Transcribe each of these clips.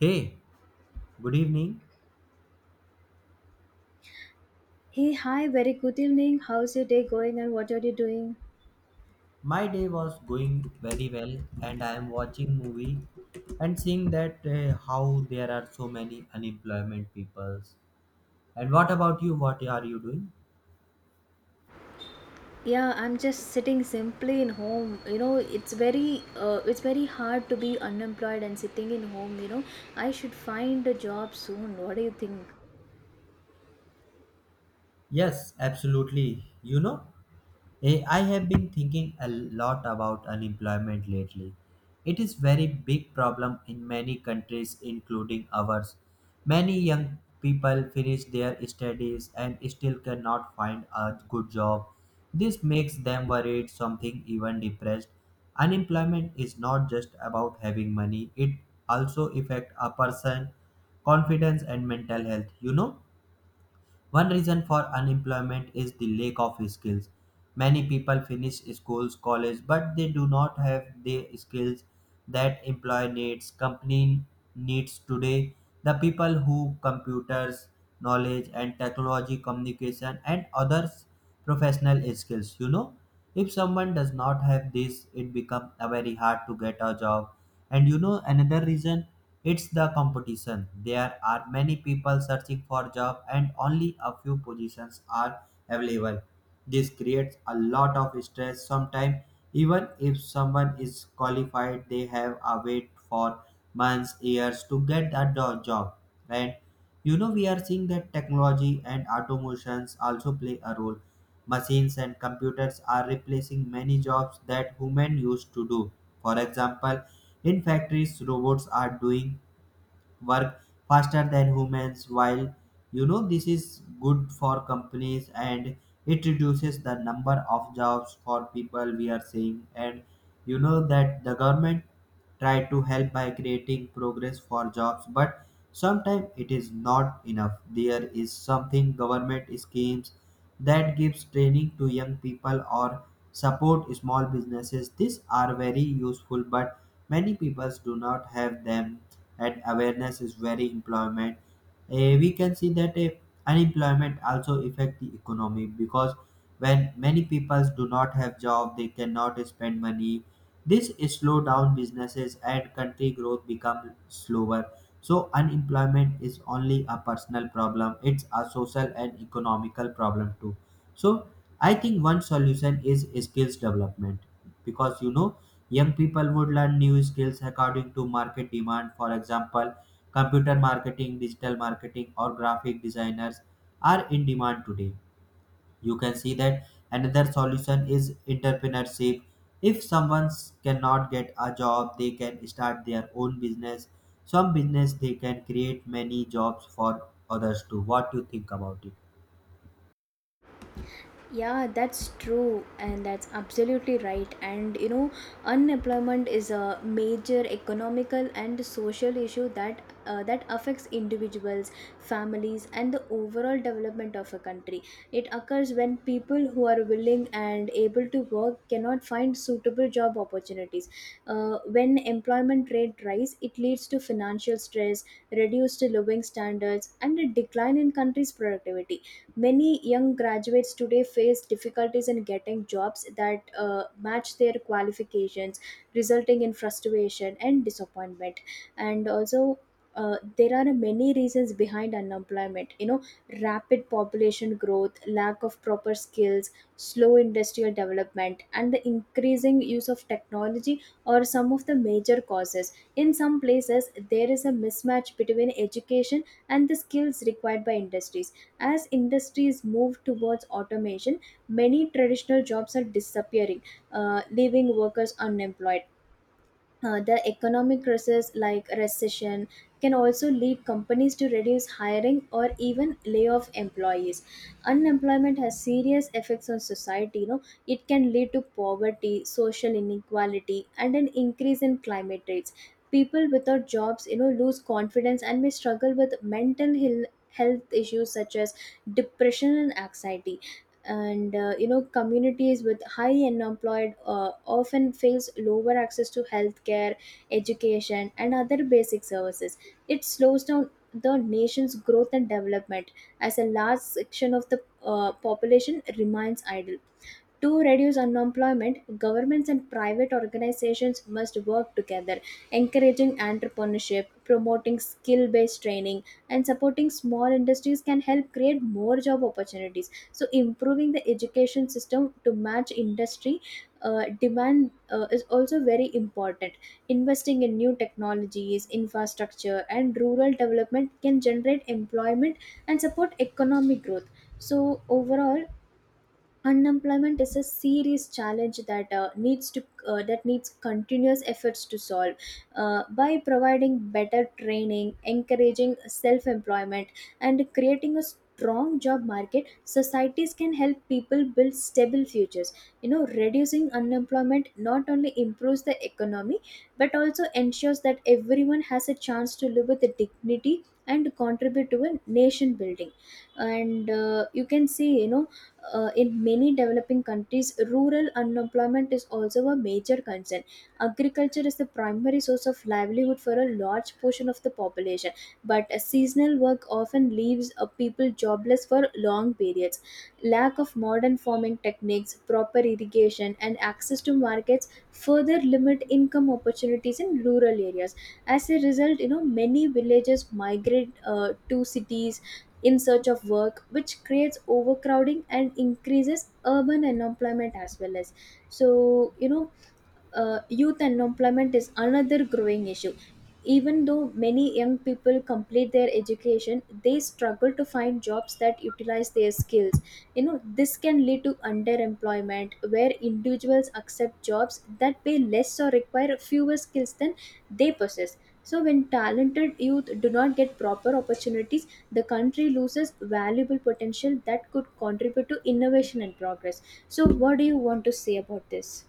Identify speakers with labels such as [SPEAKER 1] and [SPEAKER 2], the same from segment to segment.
[SPEAKER 1] Hey, good evening.
[SPEAKER 2] Hey, hi, very good evening. How's your day going and what are you doing?
[SPEAKER 1] My day was going very well, and I am watching movie and seeing that how there are so many unemployment peoples. And what about you? What are you doing?
[SPEAKER 2] Yeah, I'm just sitting simply in home. You know, it's very hard to be unemployed and sitting in home. I should find a job soon. What do you think?
[SPEAKER 1] Yes, absolutely. You know, I have been thinking a lot about unemployment lately. It is very big problem in many countries including ours. Many young people finish their studies and still cannot find a good job. This makes them worried, something even depressed. Unemployment is not just about having money, it also affects a person confidence and mental health, you know? One reason for unemployment is the lack of skills. Many people finish schools, college, but they do not have the skills that employ needs, company needs today. The people who computers, knowledge and technology, communication and others professional skills, you know, if someone does not have this it become a very hard to get a job. And you know another reason, it's the competition. There are many people searching for job and only a few positions are available. This creates a lot of stress. Sometimes, even if someone is qualified, they have a wait for months, years to get a job. And you know, we are seeing that technology and automations also play a role. Machines and computers are replacing many jobs that human used to do. For example, in factories, robots are doing work faster than humans. While you know this is good for companies and it reduces the number of jobs for people, we are seeing. And you know that the government try to help by creating progress for jobs, but sometimes it is not enough. There is something government schemes that gives training to young people or support small businesses. These are very useful, but many people do not have them and awareness is very employment. We can see that unemployment also affect the economy because when many people do not have job they cannot spend money. This slow down businesses and country growth become slower. So unemployment is only a personal problem; it's a social and economical problem too. So I think one solution is skills development, because you know young people would learn new skills according to market demand. For example, computer marketing, digital marketing, or graphic designers are in demand today. You can see that another solution is entrepreneurship. If someone cannot get a job they can start their own business. Some business they can create many jobs for others too. What do you think about it?
[SPEAKER 2] Yeah, that's true, and that's absolutely right. And you know, unemployment is a major economical and social issue that affects individuals, families, and the overall development of a country. It occurs when people who are willing and able to work cannot find suitable job opportunities. When employment rate rise, it leads to financial stress, reduced living standards, and a decline in country's productivity. Many young graduates today face difficulties in getting jobs that match their qualifications, resulting in frustration and disappointment. And also, there are many reasons behind unemployment. You know, rapid population growth, lack of proper skills, slow industrial development, and the increasing use of technology are some of the major causes. In some places, there is a mismatch between education and the skills required by industries as industries move towards automation, many traditional jobs are disappearing, leaving workers unemployed. The economic crisis like recession can also lead companies to reduce hiring or even lay off employees. Unemployment has serious effects on society, you know. It can lead to poverty, social inequality, and an increase in climate rates. People without jobs, you know, lose confidence and may struggle with health issues such as depression and anxiety. And you know, communities with high unemployed often face lower access to healthcare, education, and other basic services. It slows down the nation's growth and development as a large section of the population remains idle. To reduce unemployment, governments and private organizations must work together, encouraging entrepreneurship, promoting skill based training, and supporting small industries can help create more job opportunities. So, improving the education system to match industry demand is also very important. Investing in new technologies, infrastructure, and rural development can generate employment and support economic growth. So, overall, unemployment is a serious challenge that needs continuous efforts to solve by providing better training, encouraging self employment, and creating a strong job market. Societies can help people build stable futures, you know, reducing unemployment not only improves the economy but also ensures that everyone has a chance to live with dignity and contribute to a nation building. And you can see, you know, in many developing countries, rural unemployment is also a major concern. Agriculture is the primary source of livelihood for a large portion of the population, but a seasonal work often leaves people jobless for long periods. Lack of modern farming techniques, proper irrigation, and access to markets further limit income opportunities in rural areas. As a result, you know, many villages migrate to cities in search of work, which creates overcrowding and increases urban unemployment as well as. So, you know, youth unemployment is another growing issue. Even though many young people complete their education, they struggle to find jobs that utilize their skills. You know, this can lead to underemployment, where individuals accept jobs that pay less or require fewer skills than they possess. So, when talented youth do not get proper opportunities, the country loses valuable potential that could contribute to innovation and progress. So, what do you want to say about this?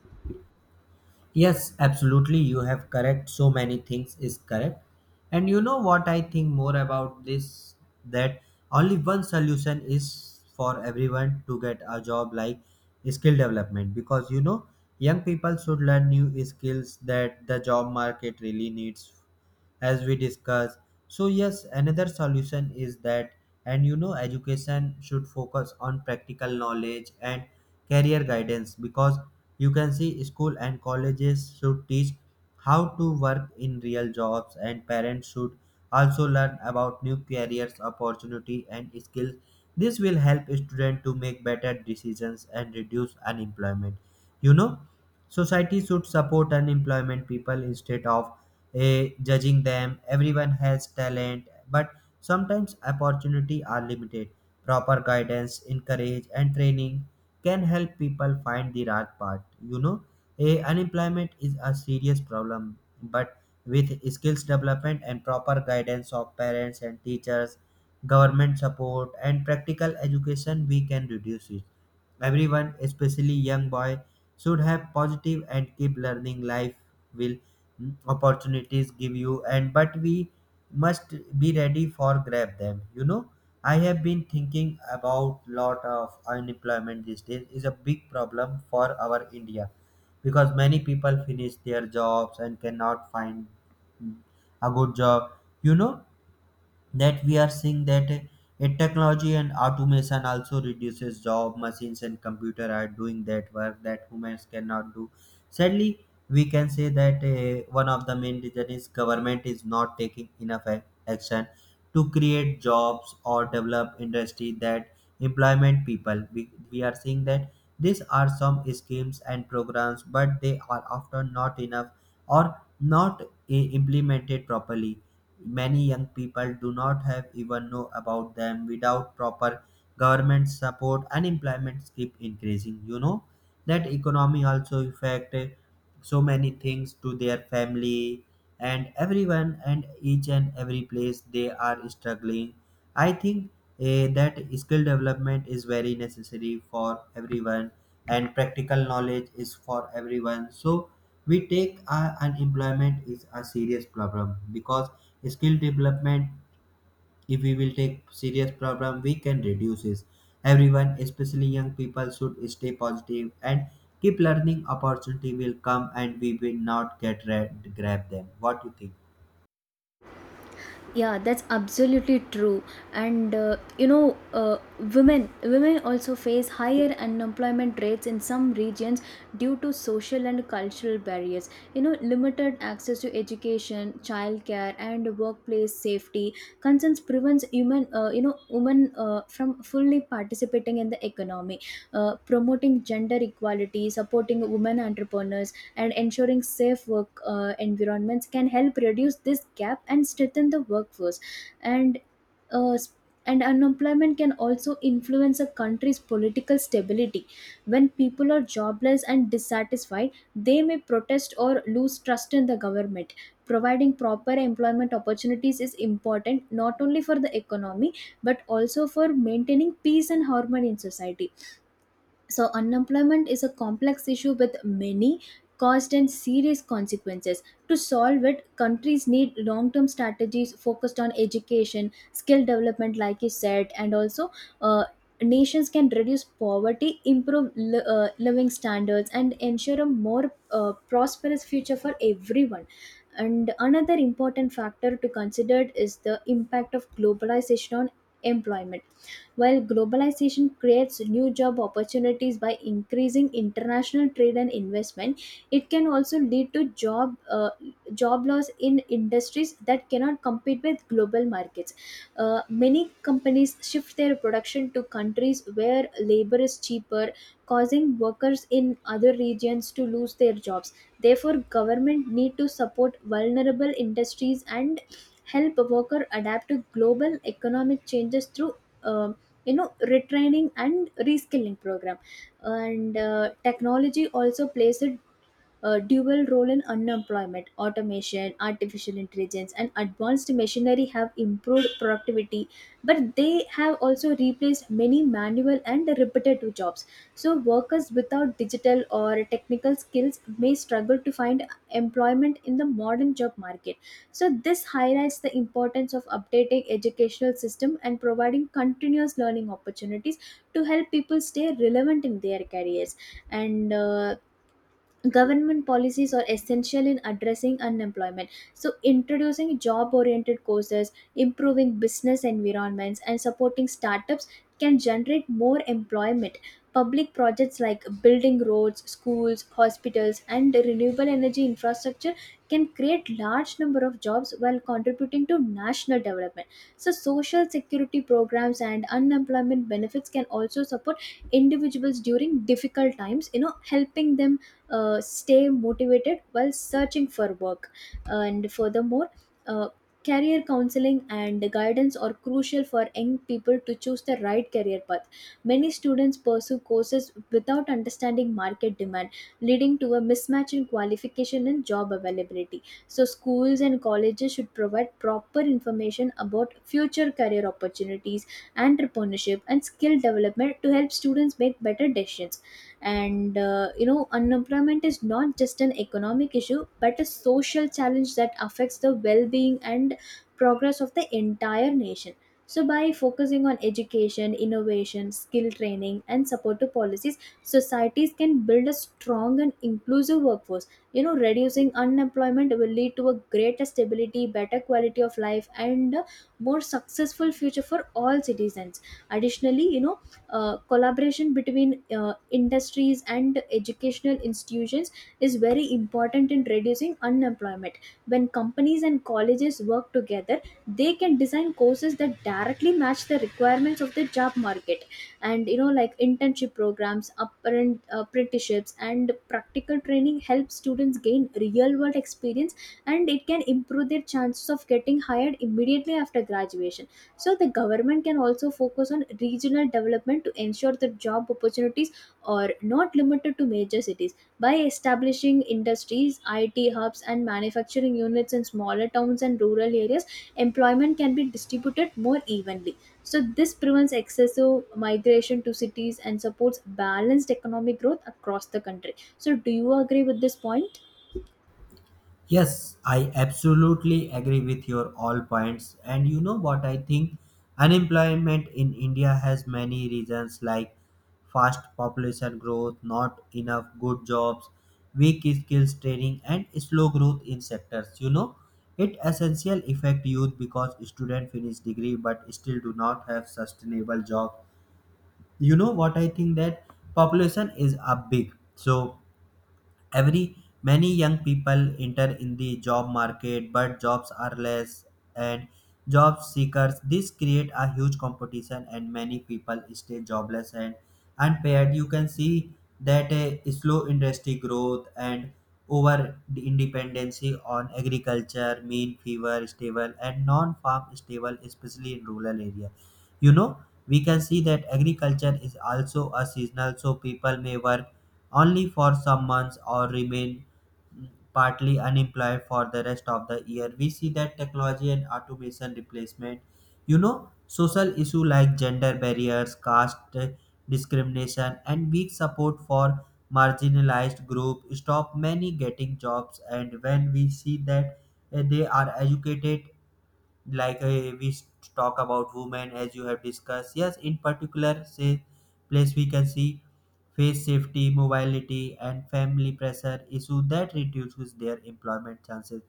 [SPEAKER 1] Yes, absolutely. You have correct. So many things is correct. And you know what I think more about this, that only one solution is for everyone to get a job, like skill development, because you know young people should learn new skills that the job market really needs, as we discussed. So yes, another solution is that, and you know education should focus on practical knowledge and career guidance, because you can see school and colleges should teach how to work in real jobs, and parents should also learn about new careers opportunity and skills. This will help students to make better decisions and reduce unemployment. You know, society should support unemployment people instead of judging them. Everyone has talent, but sometimes opportunity are limited. Proper guidance, encourage and training can help people find the right path. You know, a unemployment is a serious problem, but with skills development and proper guidance of parents and teachers, government support and practical education, we can reduce it. Everyone, especially young boy, should have positive and keep learning. Life will opportunities give you. And but we must be ready for grab them. You know, I have been thinking about lot of unemployment these days. Is a big problem for our India, because many people finish their jobs and cannot find mm, a good job. You know that we are seeing that technology and automation also reduces job. Machines and computer are doing that work that humans cannot do. Sadly, we can say that one of the main reason is government is not taking enough action to create jobs or develop industry that employment people. We are seeing that these are some schemes and programs, but they are often not enough or not implemented properly. Many young people do not have even know about them. Without proper government support unemployment keep increasing. You know that economy also affect, so many things to their family and everyone, and each and every place they are struggling. I think that skill development is very necessary for everyone, and practical knowledge is for everyone. So we take unemployment is a serious problem because skill development. If we will take serious problem, we can reduce it. Everyone, especially young people, should stay positive and keep learning. Opportunity will come, and we will not get grab them. What you think?
[SPEAKER 2] Yeah, that's absolutely true. And you know, women also face higher unemployment rates in some regions due to social and cultural barriers. You know, limited access to education, childcare, and workplace safety concerns prevents human, you know, women from fully participating in the economy. Promoting gender equality, supporting women entrepreneurs, and ensuring safe work environments can help reduce this gap and strengthen the workforce. And uh, and unemployment can also influence a country's political stability. When people are jobless and dissatisfied, they may protest or lose trust in the government. Providing proper employment opportunities is important not only for the economy but also for maintaining peace and harmony in society. So, unemployment is a complex issue with many caused and serious consequences. To solve it, countries need long term strategies focused on education, skill development, like you said, and also uh, nations can reduce poverty, improve living standards, and ensure a more prosperous future for everyone. And another important factor to consider is the impact of globalization on employment. While globalization creates new job opportunities by increasing international trade and investment, it can also lead to job loss in industries that cannot compete with global markets. Many companies shift their production to countries where labor is cheaper, causing workers in other regions to lose their jobs. Therefore, government need to support vulnerable industries and help worker adapt to global economic changes through um, you know, retraining and reskilling program. And technology also plays a dual role in unemployment. Automation, artificial intelligence, and advanced machinery have improved productivity, but they have also replaced many manual and repetitive jobs. So, workers without digital or technical skills may struggle to find employment in the modern job market. So, this highlights the importance of updating educational system and providing continuous learning opportunities to help people stay relevant in their careers. And government policies are essential in addressing unemployment. So, introducing job oriented courses, improving business environments, and supporting startups can generate more employment. Public projects like building roads, schools, hospitals, and renewable energy infrastructure can create large number of jobs while contributing to national development. So, social security programs and unemployment benefits can also support individuals during difficult times, you know, helping them stay motivated while searching for work. And furthermore, uh, career counseling and guidance are crucial for young people to choose the right career path. Many students pursue courses without understanding market demand, leading to a mismatch in qualification and job availability. So, schools and colleges should provide proper information about future career opportunities, entrepreneurship, and skill development to help students make better decisions. And you know, unemployment is not just an economic issue but a social challenge that affects the well-being and progress of the entire nation. So, by focusing on education, innovation, skill training, and supportive policies, societies can build a strong and inclusive workforce. You know, reducing unemployment will lead to a greater stability, better quality of life, and a more successful future for all citizens. Additionally, you know, collaboration between industries and educational institutions is very important in reducing unemployment. When companies and colleges work together, they can design courses that directly match the requirements of the job market. And you know, like internship programs, apprenticeships, and practical training help students gain real world experience, and it can improve their chances of getting hired immediately after graduation. So, the government can also focus on regional development to ensure that job opportunities are not limited to major cities. By establishing industries, IT hubs, and manufacturing units in smaller towns and rural areas, employment can be distributed more evenly. So, this prevents excessive migration to cities and supports balanced economic growth across the country. So, do you agree with this point?
[SPEAKER 1] Yes, I absolutely agree with your all points. And you know what I think? Unemployment in India has many reasons like fast population growth, not enough good jobs, weak skills training, and slow growth in sectors. You know, it essential affect youth because student finish degree but still do not have sustainable job. You know what I think that population is a big, so every many young people enter in the job market but jobs are less, and job seekers. This create a huge competition and many people stay jobless and unpaid. You can see that a slow industry growth and over dependency on agriculture mean fever stable and non farm stable, especially in rural area. You know, we can see that agriculture is also a seasonal, so people may work only for some months or remain partly unemployed for the rest of the year. We see that technology and automation replacement, you know, social issue like gender barriers, caste discrimination and weak support for marginalized group stop many getting jobs. And when we see that they are educated, like talk about women as you have discussed, yes, in particular say place, we can see face safety, mobility and family pressure issue that reduces their employment chances.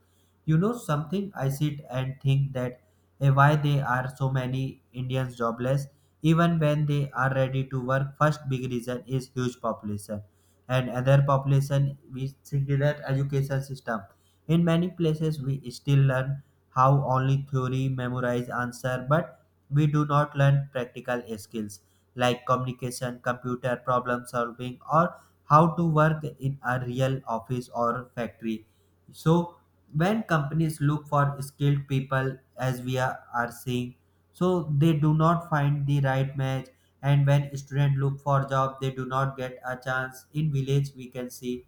[SPEAKER 1] You know, something I sit and think that, why they are so many Indians jobless even when they are ready to work. First big reason is huge population and other population with singular education system. In many places we still learn how only theory memorize answer, but we do not learn practical skills like communication, computer problem solving, or how to work in a real office or factory. So when companies look for skilled people, as we are seeing, so they do not find the right match, and when students look for job they do not get a chance. In village we can see,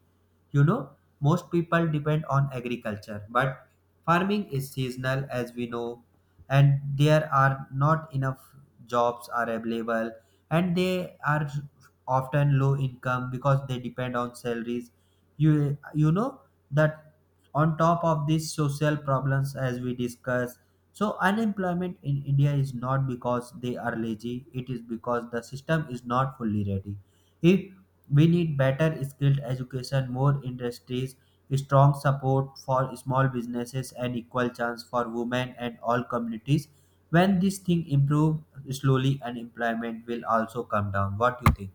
[SPEAKER 1] you know, most people depend on agriculture, but farming is seasonal as we know, and there are not enough jobs are available, and they are often low income because they depend on salaries. You know that on top of these social problems, as we discussed, so unemployment in India is not because they are lazy, it is because the system is not fully ready. If we need better skilled education, more industries, strong support for small businesses and equal chance for women and all communities, when this thing improve, slowly unemployment will also come down. What do you think?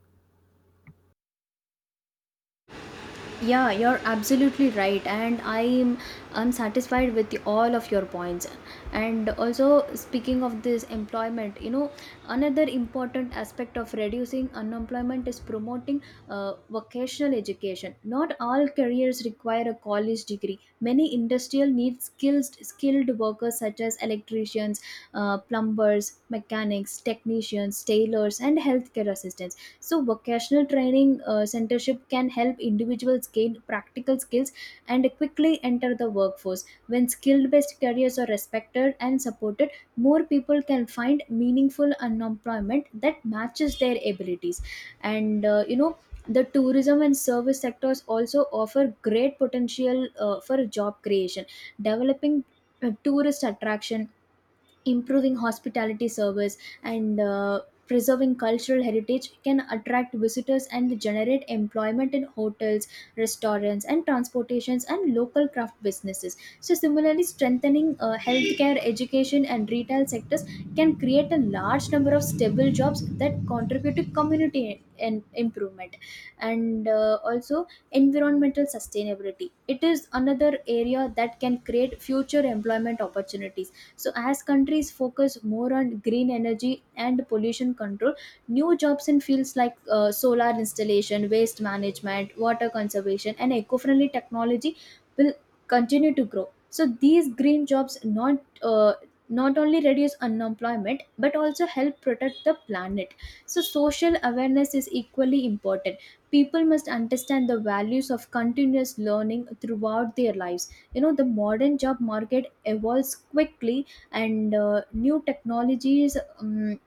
[SPEAKER 2] Yeah, you're absolutely right, and I'm satisfied with the- all of your points. And also, speaking of this employment, you know, another important aspect of reducing unemployment is promoting vocational education. Not all careers require a college degree. Many industrial need skilled workers such as electricians, plumbers, mechanics, technicians, tailors, and healthcare assistants. So, vocational training centership can help individuals gain practical skills and quickly enter the workforce. When skill-based careers are respected and supported, more people can find meaningful unemployment that matches their abilities. And You know, the tourism and service sectors also offer great potential for job creation, developing tourist attraction, improving hospitality service, and preserving cultural heritage can attract visitors and generate employment in hotels, restaurants and transportations, and local craft businesses. So similarly, strengthening healthcare, education and retail sectors can create a large number of stable jobs that contribute to community and improvement. And Also, environmental sustainability, it is another area that can create future employment opportunities. So as countries focus more on green energy and pollution control, new jobs in fields like solar installation, waste management, water conservation and eco-friendly technology will continue to grow. So these green jobs not only reduce unemployment but also help protect the planet. So social awareness is equally important. People must understand the values of continuous learning throughout their lives. You know, the modern job market evolves quickly, and new technologies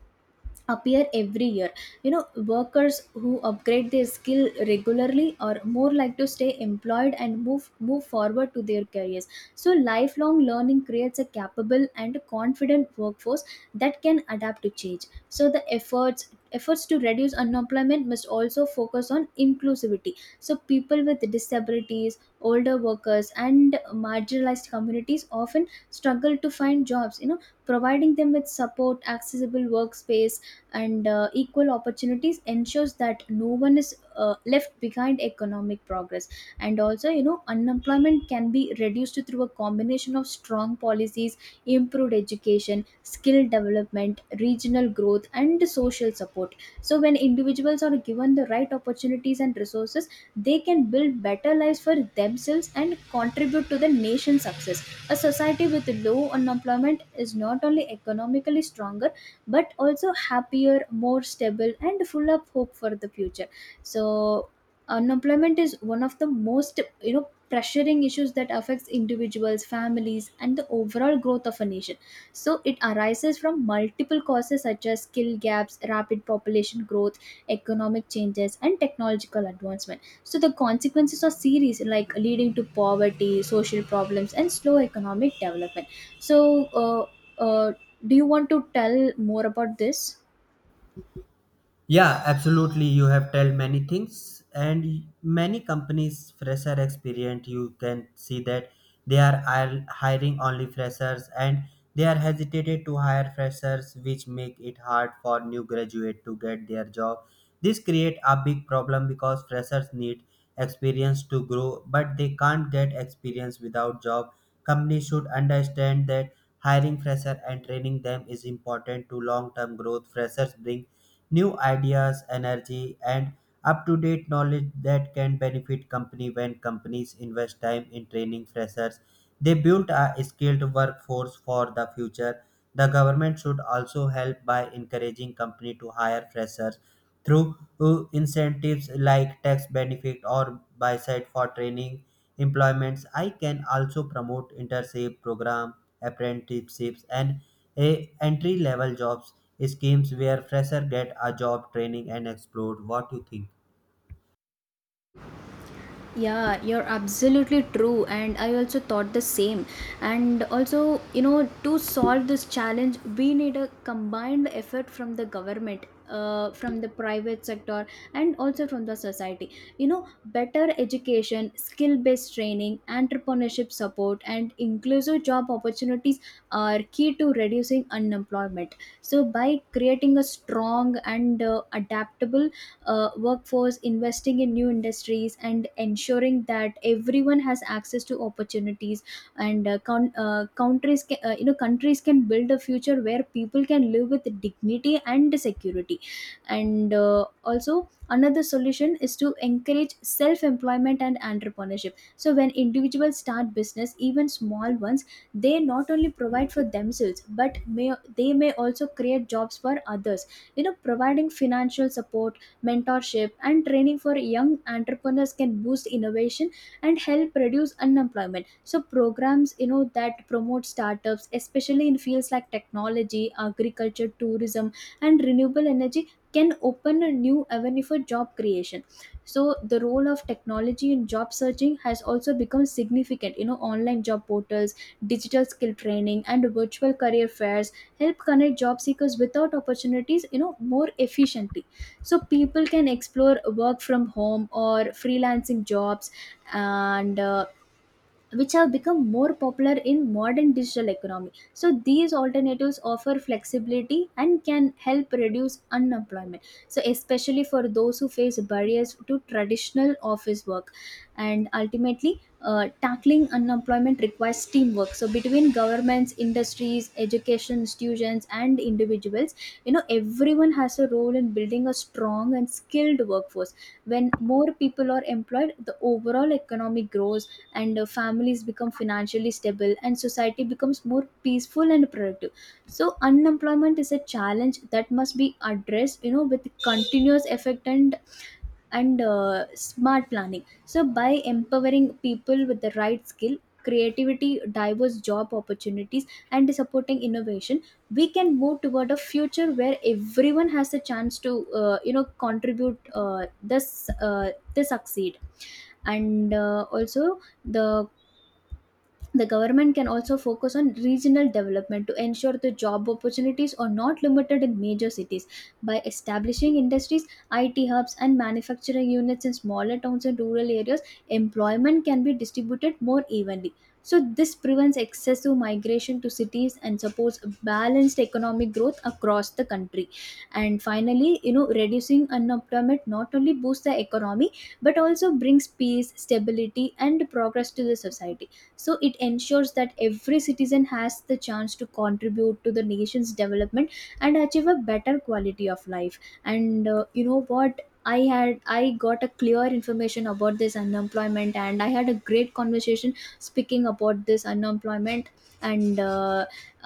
[SPEAKER 2] appear every year. You know, workers who upgrade their skill regularly are more likely to stay employed and move forward to their careers. So lifelong learning creates a capable and confident workforce that can adapt to change. So the efforts to reduce unemployment must also focus on inclusivity. So people with disabilities, older workers, and marginalized communities often struggle to find jobs. You know, providing them with support, accessible workspace, and equal opportunities ensures that no one is left behind economic progress. And also, you know, unemployment can be reduced through a combination of strong policies, improved education, skill development, regional growth and social support. So when individuals are given the right opportunities and resources, they can build better lives for themselves and contribute to the nation's success. A society with low unemployment is not only economically stronger, but also happier, more stable and full of hope for the future. So unemployment is one of the most, you know, pressuring issues that affects individuals, families, and the overall growth of a nation. So it arises from multiple causes such as skill gaps, rapid population growth, economic changes and technological advancement. So the consequences are serious, like leading to poverty, social problems and slow economic development. So uh, uh, do you want to tell more about this?
[SPEAKER 1] Yeah, absolutely. You have told many things, and many companies fresher experience. You can see that they are hiring only freshers, and they are hesitated to hire freshers, which make it hard for new graduate to get their job. This create a big problem because freshers need experience to grow, but they can't get experience without job. Companies should understand that hiring fresher and training them is important to long term growth. Freshers bring new ideas, energy, and up to date knowledge that can benefit company. When companies invest time in training freshers, they built a skilled workforce for the future. The government should also help by encouraging companies to hire freshers through incentives like tax benefit or by side for training employments. I can also promote internship program, apprenticeships, and a entry level jobs schemes where fresher get a job training and explore. What you think?
[SPEAKER 2] Yeah, you're absolutely true. And I also thought the same. And also, you know, to solve this challenge, we need a combined effort from the government, from the private sector, and also from the society. You know, better education, skill based training, entrepreneurship support, and inclusive job opportunities are key to reducing unemployment. So, by creating a strong and adaptable workforce, investing in new industries, and ensuring that everyone has access to opportunities. And coun Countries, can, you know, countries can build a future where people can live with dignity and security. And Also, another solution is to encourage self-employment and entrepreneurship. So when individuals start business, even small ones, they not only provide for themselves, but may they may also create jobs for others. You know, providing financial support, mentorship, and training for young entrepreneurs can boost innovation and help reduce unemployment. So programs, you know, that promote startups, especially in fields like technology, agriculture, tourism, and renewable energy can open a new avenue for job creation. So the role of technology in job searching has also become significant. You know, online job portals, digital skill training and virtual career fairs help connect job seekers without opportunities, you know, more efficiently. So people can explore work from home or freelancing jobs, and which have become more popular in modern digital economy. So these alternatives offer flexibility and can help reduce unemployment, so especially for those who face barriers to traditional office work. And ultimately, tackling unemployment requires teamwork, so between governments, industries, education institutions and individuals. You know, everyone has a role in building a strong and skilled workforce. When more people are employed, the overall economy grows, and families become financially stable and society becomes more peaceful and productive. So unemployment is a challenge that must be addressed, you know, with continuous effect and smart planning. So by empowering people with the right skill, creativity, diverse job opportunities and supporting innovation, we can move toward a future where everyone has a chance to you know, contribute this they succeed. And Also, the the government can also focus on regional development to ensure the job opportunities are not limited in major cities. By establishing industries, IT hubs, and manufacturing units in smaller towns and rural areas, employment can be distributed more evenly. So, this prevents excessive migration to cities and supports balanced economic growth across the country. And finally, you know, reducing unemployment not only boosts the economy but also brings peace, stability, and progress to the society. So it ensures that every citizen has the chance to contribute to the nation's development and achieve a better quality of life. And you know what, I got a clear information about this unemployment, and I had a great conversation speaking about this unemployment. And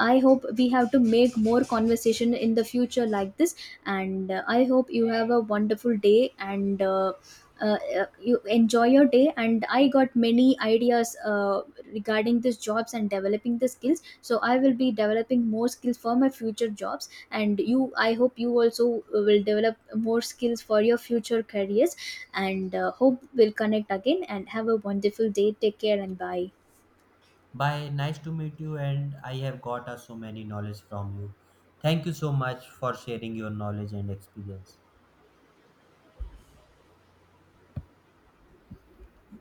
[SPEAKER 2] I hope we have to make more conversation in the future like this. And I hope you have a wonderful day, and uh, you enjoy your day. And I got many ideas regarding these jobs and developing the skills. So I will be developing more skills for my future jobs, and you I hope you also will develop more skills for your future careers. And hope we'll connect again and have a wonderful day. Take care and bye.
[SPEAKER 1] Bye. Nice to meet you, and I have got so many knowledge from you. Thank you so much for sharing your knowledge and experience.